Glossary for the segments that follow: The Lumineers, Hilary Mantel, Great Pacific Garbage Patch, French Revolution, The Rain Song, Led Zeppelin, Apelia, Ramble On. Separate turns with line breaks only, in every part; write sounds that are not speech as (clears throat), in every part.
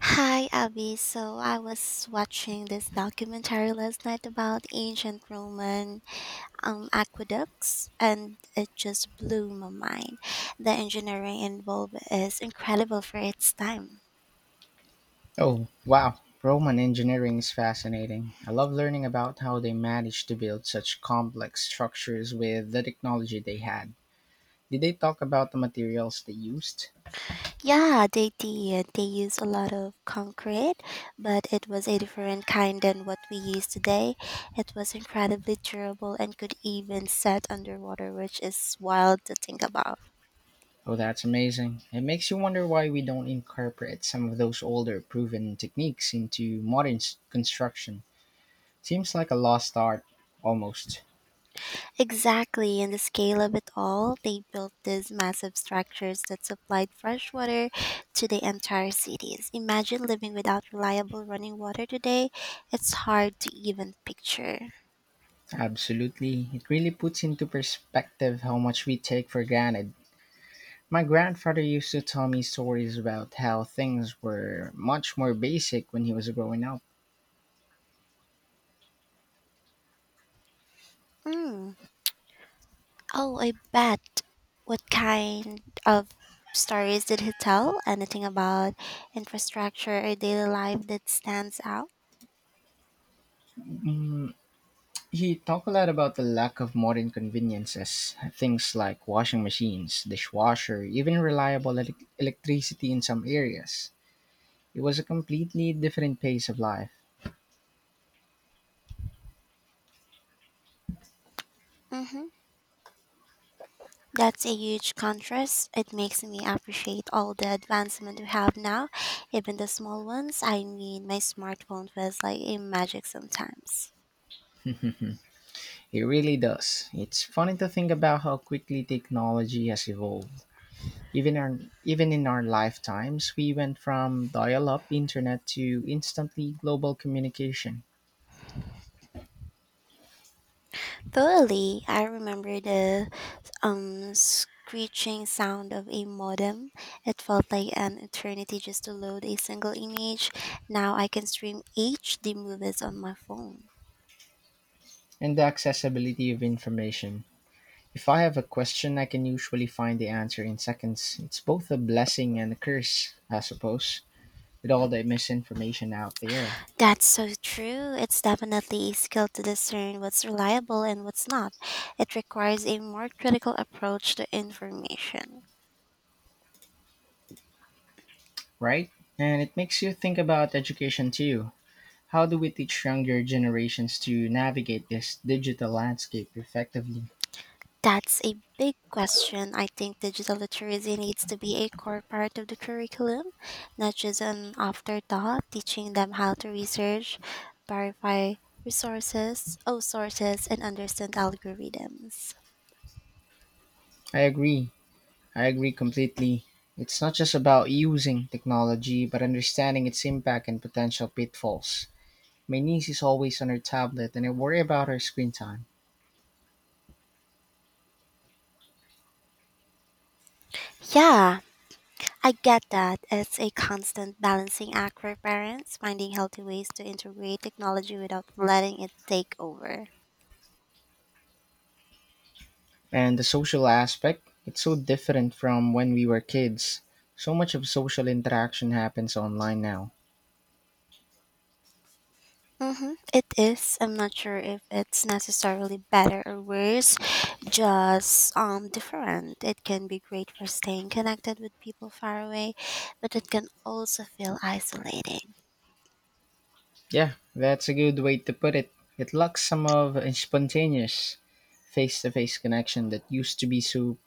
Hi, Abby. So I was watching this documentary last night about ancient Roman aqueducts, and it just blew my mind. The engineering involved is incredible for its time.
Oh, wow. Roman engineering is fascinating. I love learning about how they managed to build such complex structures with the technology they had. Did they talk about the materials they used?
Yeah, they did. They used a lot of concrete, but it was a different kind than what we use today. It was incredibly durable and could even set underwater, which is wild to think about.
Oh, that's amazing. It makes you wonder why we don't incorporate some of those older proven techniques into modern construction. Seems like a lost art, almost.
Exactly, in the scale of it all, they built these massive structures that supplied fresh water to the entire cities. Imagine living without reliable running water today. It's hard to even picture.
Absolutely. It really puts into perspective how much we take for granted. My grandfather used to tell me stories about how things were much more basic when he was growing up.
Mm. Oh, I bet. What kind of stories did he tell? Anything about infrastructure or daily life that stands out?
Mm, he talked a lot about the lack of modern conveniences, things like washing machines, dishwasher, even reliable electricity in some areas. It was a completely different pace of life.
Mm-hmm. That's a huge contrast. It makes me appreciate all the advancement we have now, even the small ones. I mean, my smartphone feels like a magic sometimes.
It really does. It's funny to think about how quickly technology has evolved. Even our, Even in our lifetimes, we went from dial-up internet to instantly global communication.
Totally, I remember the screeching sound of a modem. It felt like an eternity just to load a single image. Now I can stream HD movies on my phone.
And the accessibility of information. If I have a question, I can usually find the answer in seconds. It's both a blessing and a curse, I suppose, with all the misinformation out there,
That's so true. It's definitely a skill to discern what's reliable and what's not. It requires a more critical approach to information.
right? And it makes you think about education too. How do we teach younger generations to navigate this digital landscape effectively?
That's a big question. I think digital literacy needs to be a core part of the curriculum, not just an afterthought, teaching them how to research, verify resources, oh sources and understand algorithms.
I agree. I agree completely. It's not just about using technology, but understanding its impact and potential pitfalls. My niece is always on her tablet, and I worry about her screen time.
Yeah, I get that. It's a constant balancing act for parents, finding healthy ways to integrate technology without letting it take over.
And the social aspect, it's so different from when we were kids. So much of social interaction happens online now.
Mm-hmm. It is. I'm not sure if it's necessarily better or worse, just different. It can be great for staying connected with people far away, but it can also feel isolating.
Yeah, that's a good way to put it. It lacks some of a spontaneous face to face connection that used to be so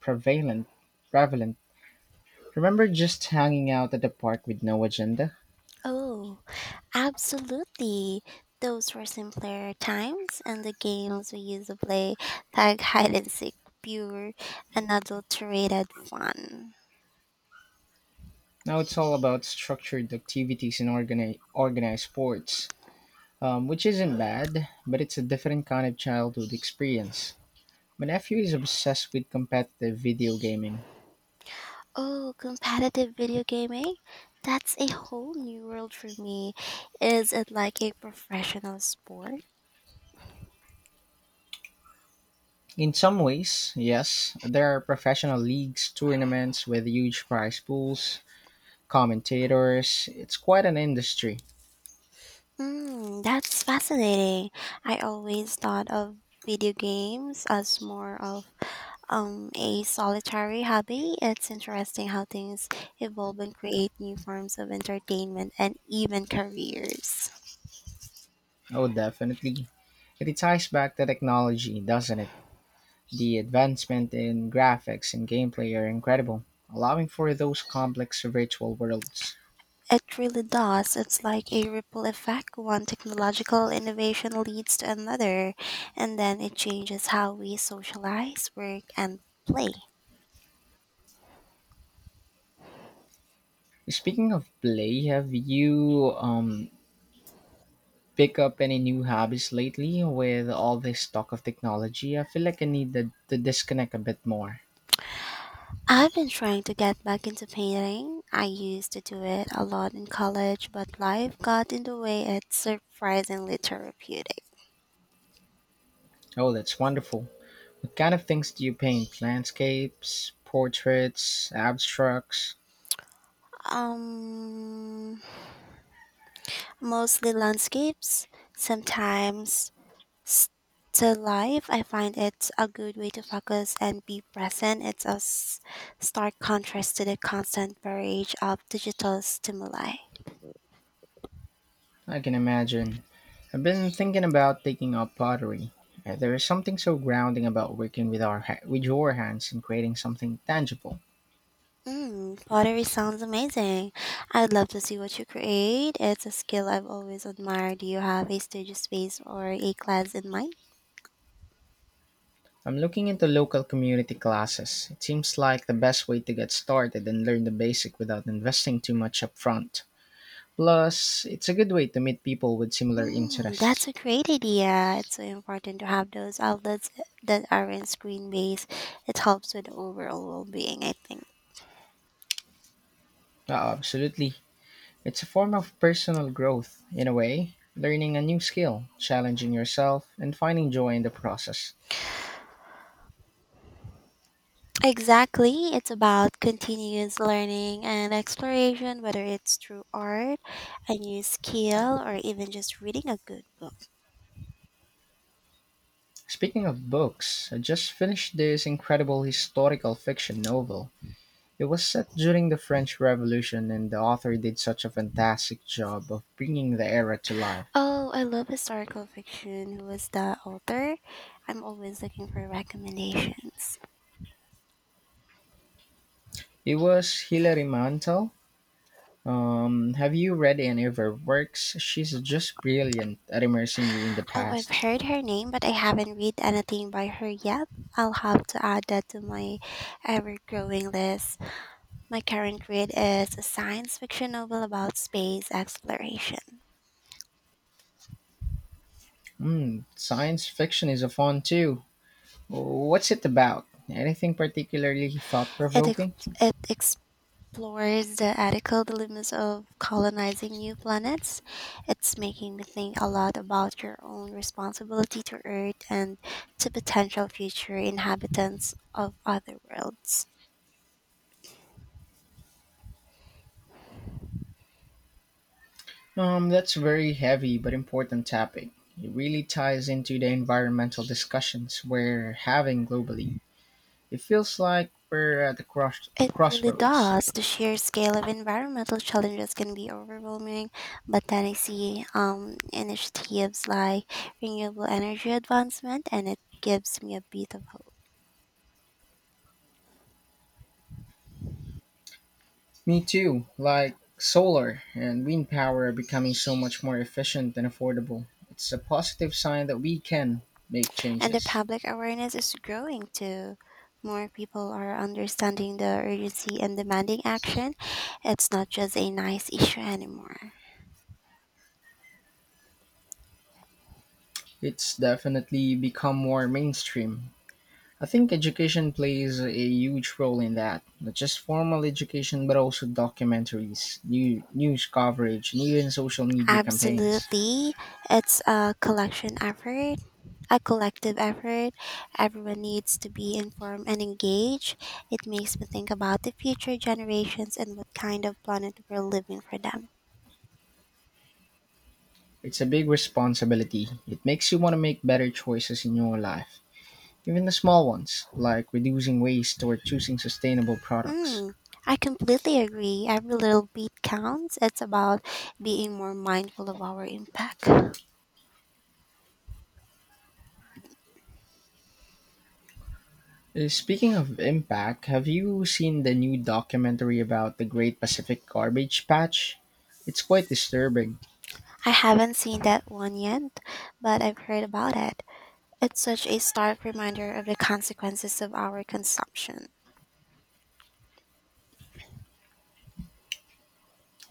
prevalent. Prevalent. Remember just hanging out at the park with no agenda?
Oh, absolutely. Those were simpler times, and the games we used to play, tag, hide and seek, pure unadulterated fun.
Now it's all about structured activities and organized sports. Which isn't bad, but it's a different kind of childhood experience. My nephew is obsessed with competitive video gaming.
Oh, competitive video gaming? That's a whole new world for me. Is it like a professional sport?
In some ways, yes, there are professional leagues, tournaments with huge prize pools, commentators. It's quite an industry.
Mm, that's fascinating. I always thought of video games as more of a solitary hobby. It's interesting how things evolve and create new forms of entertainment and even careers.
Oh, definitely. It ties back to technology, doesn't it? The advancement in graphics and gameplay are incredible, allowing for those complex virtual worlds.
It really does. It's like a ripple effect. One technological innovation leads to another, and then it changes how we socialize, work, and play.
Speaking of play, have you pick up any new hobbies lately with all this talk of technology? I feel like I need to disconnect a bit more.
I've been trying to get back into painting. I used to do it a lot in college, but life got in the way. It's surprisingly therapeutic.
Oh, that's wonderful. What kind of things do you paint? Landscapes, portraits, abstracts?
Um, Mostly landscapes, sometimes still life. I find it's a good way to focus and be present. It's a stark contrast to the constant barrage of digital stimuli.
I can imagine. I've been thinking about taking up pottery. There is something so grounding about working with with your hands and creating something tangible.
Mm, pottery sounds amazing. I'd love to see what you create. It's a skill I've always admired. Do you have a studio space or a class in mind?
I'm looking into local community classes. It seems like the best way to get started and learn the basic without investing too much upfront. Plus, it's a good way to meet people with similar
Mm, that's
interests.
a great idea. It's so important to have those outlets that aren't screen based. It helps with the overall well being, I think.
Absolutely. It's a form of personal growth, in a way, learning a new skill, challenging yourself, and finding joy in the process.
Exactly. It's about continuous learning and exploration, whether it's through art, a new skill, or even just reading a good book.
Speaking of books, I just finished this incredible historical fiction novel. It was set during the French Revolution, and the author did such a fantastic job of bringing the era to life.
Oh, I love historical fiction. Who was the author? I'm always looking for recommendations.
It was Hilary Mantel. Have you read any of her works? She's just brilliant at immersing you in the
Oh, I've
past.
heard her name, but I haven't read anything by her yet. I'll have to add that to my ever growing list. My current read is a science fiction novel about space exploration.
Hmm, science fiction is a fun too. What's it about? Anything particularly thought
It, ex-
provoking?
it explores the ethical dilemmas of colonizing new planets. It's making me think a lot about your own responsibility to Earth and to potential future inhabitants of other worlds.
That's a very heavy but important topic. It really ties into the environmental discussions we're having globally. It feels like we're at the
It really
crossroads.
does. The sheer scale of environmental challenges can be overwhelming, but then I see initiatives like renewable energy advancement, and it gives me a bit of hope.
Me too. Like solar and wind power are becoming so much more efficient and affordable. It's a positive sign that we can make
And the
changes.
public awareness is growing too. More people are understanding the urgency and demanding action. It's not just a nice issue anymore.
It's definitely become more mainstream. I think education plays a huge role in that. Not just formal education, but also documentaries, new news coverage, and even social media campaigns.
Absolutely. It's a collection effort a collective effort. Everyone needs to be informed and engaged. It makes me think about the future generations and what kind of planet we're living for them.
It's a big responsibility. It makes you want to make better choices in your life. Even the small ones, like reducing waste or choosing sustainable products.
Mm, I completely agree. Every little beat counts. It's about being more mindful of our impact.
Speaking of impact, have you seen the new documentary about the Great Pacific Garbage Patch? It's quite disturbing.
I haven't seen that one yet, but I've heard about it. It's such a stark reminder of the consequences of our consumption.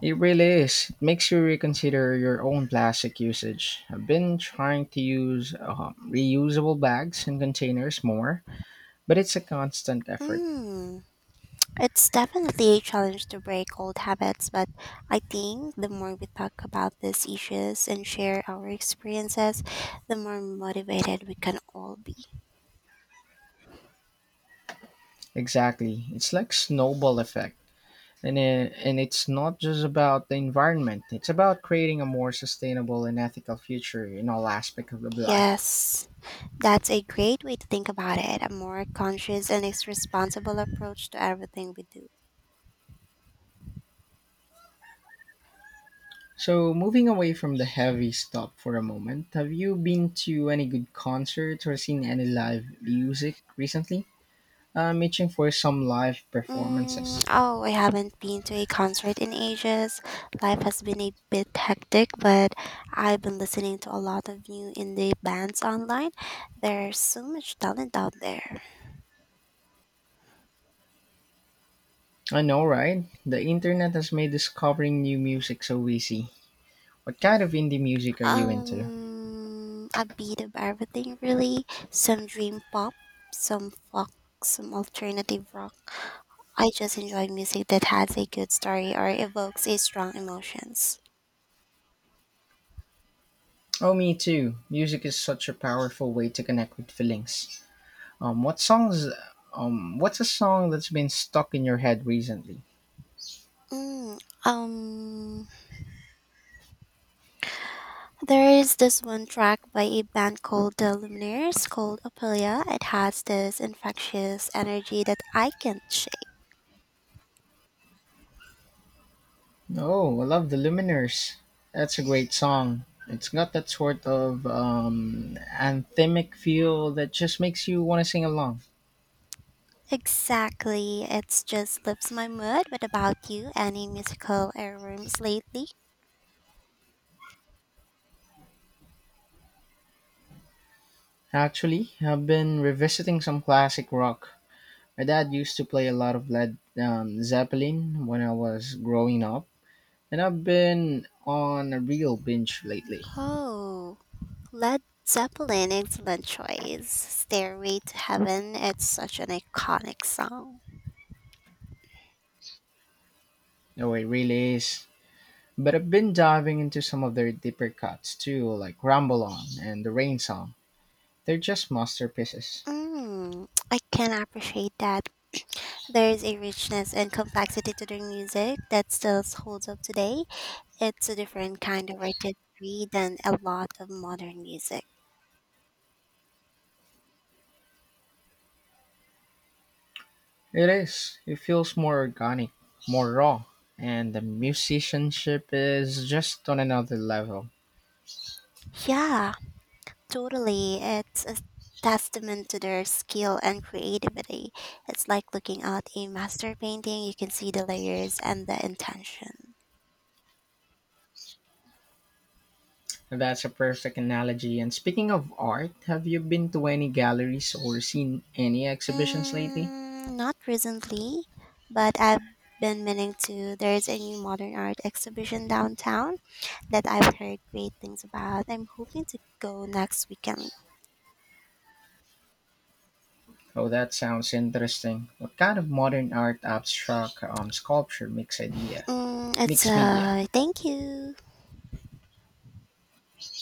It really is. It makes you reconsider your own plastic usage. I've been trying to use reusable bags and containers more, but it's a constant effort.
Mm. It's definitely a challenge to break old habits, but I think the more we talk about these issues and share our experiences, the more motivated we can all be.
Exactly. It's like snowball effect. And it's not just about the environment. It's about creating a more sustainable and ethical future in all aspects of life.
Yes, that's a great way to think about it, a more conscious and responsible approach to everything we do.
So, moving away from the heavy stuff for a moment, have you been to any good concerts or seen any live music recently? I'm itching for some live
Mm,
performances.
oh, I haven't been to a concert in ages. Life has been a bit hectic, but I've been listening to a lot of new indie bands online. There's so much talent out there.
I know, right? The internet has made discovering new music so easy. What kind of indie music are you into?
A bit of everything, really. Some dream pop, some folk, some alternative rock. I just enjoy music that has a good story or evokes a strong emotions.
Oh, me too. Music is such a powerful way to connect with feelings. Um, what songs? What's a song that's been stuck in your head recently?
Mm, um, there is this one track by a band called The Lumineers called Apelia. It has this infectious energy that I can't shake.
Oh, I love the Luminers. That's a great song. It's got that sort of anthemic feel that just makes you want to sing along.
Exactly, it just lifts my mood. What about you? Any musical airrooms lately?
Actually, I've been revisiting some classic rock. My dad used to play a lot of Led Zeppelin when I was growing up, and I've been on a real binge lately.
Oh. Led Zeppelin, excellent choice. Stairway to Heaven, it's such an iconic song.
No, it really is. But I've been diving into some of their deeper cuts too, like Ramble On and The Rain Song. They're just masterpieces.
Mm, I can appreciate that. (clears throat) There's a richness and complexity to their music that still holds up today. It's a different kind of artistry than a lot of modern music.
It is. It feels more organic, more raw, and the musicianship is just on another level.
Yeah, totally. It's a testament to their skill and creativity. It's like looking at a master painting, you can see the layers and the intention.
That's a perfect analogy. And speaking of art, have you been to any galleries or seen any exhibitions lately?
Mm, not recently, but I've been meaning to. There's a new modern art exhibition downtown that I've heard great things about. I'm hoping to go next weekend.
Oh, that sounds interesting. What kind of modern art? Abstract, sculpture, mixed idea?
Mm, it's
Mixed media.
a thank you.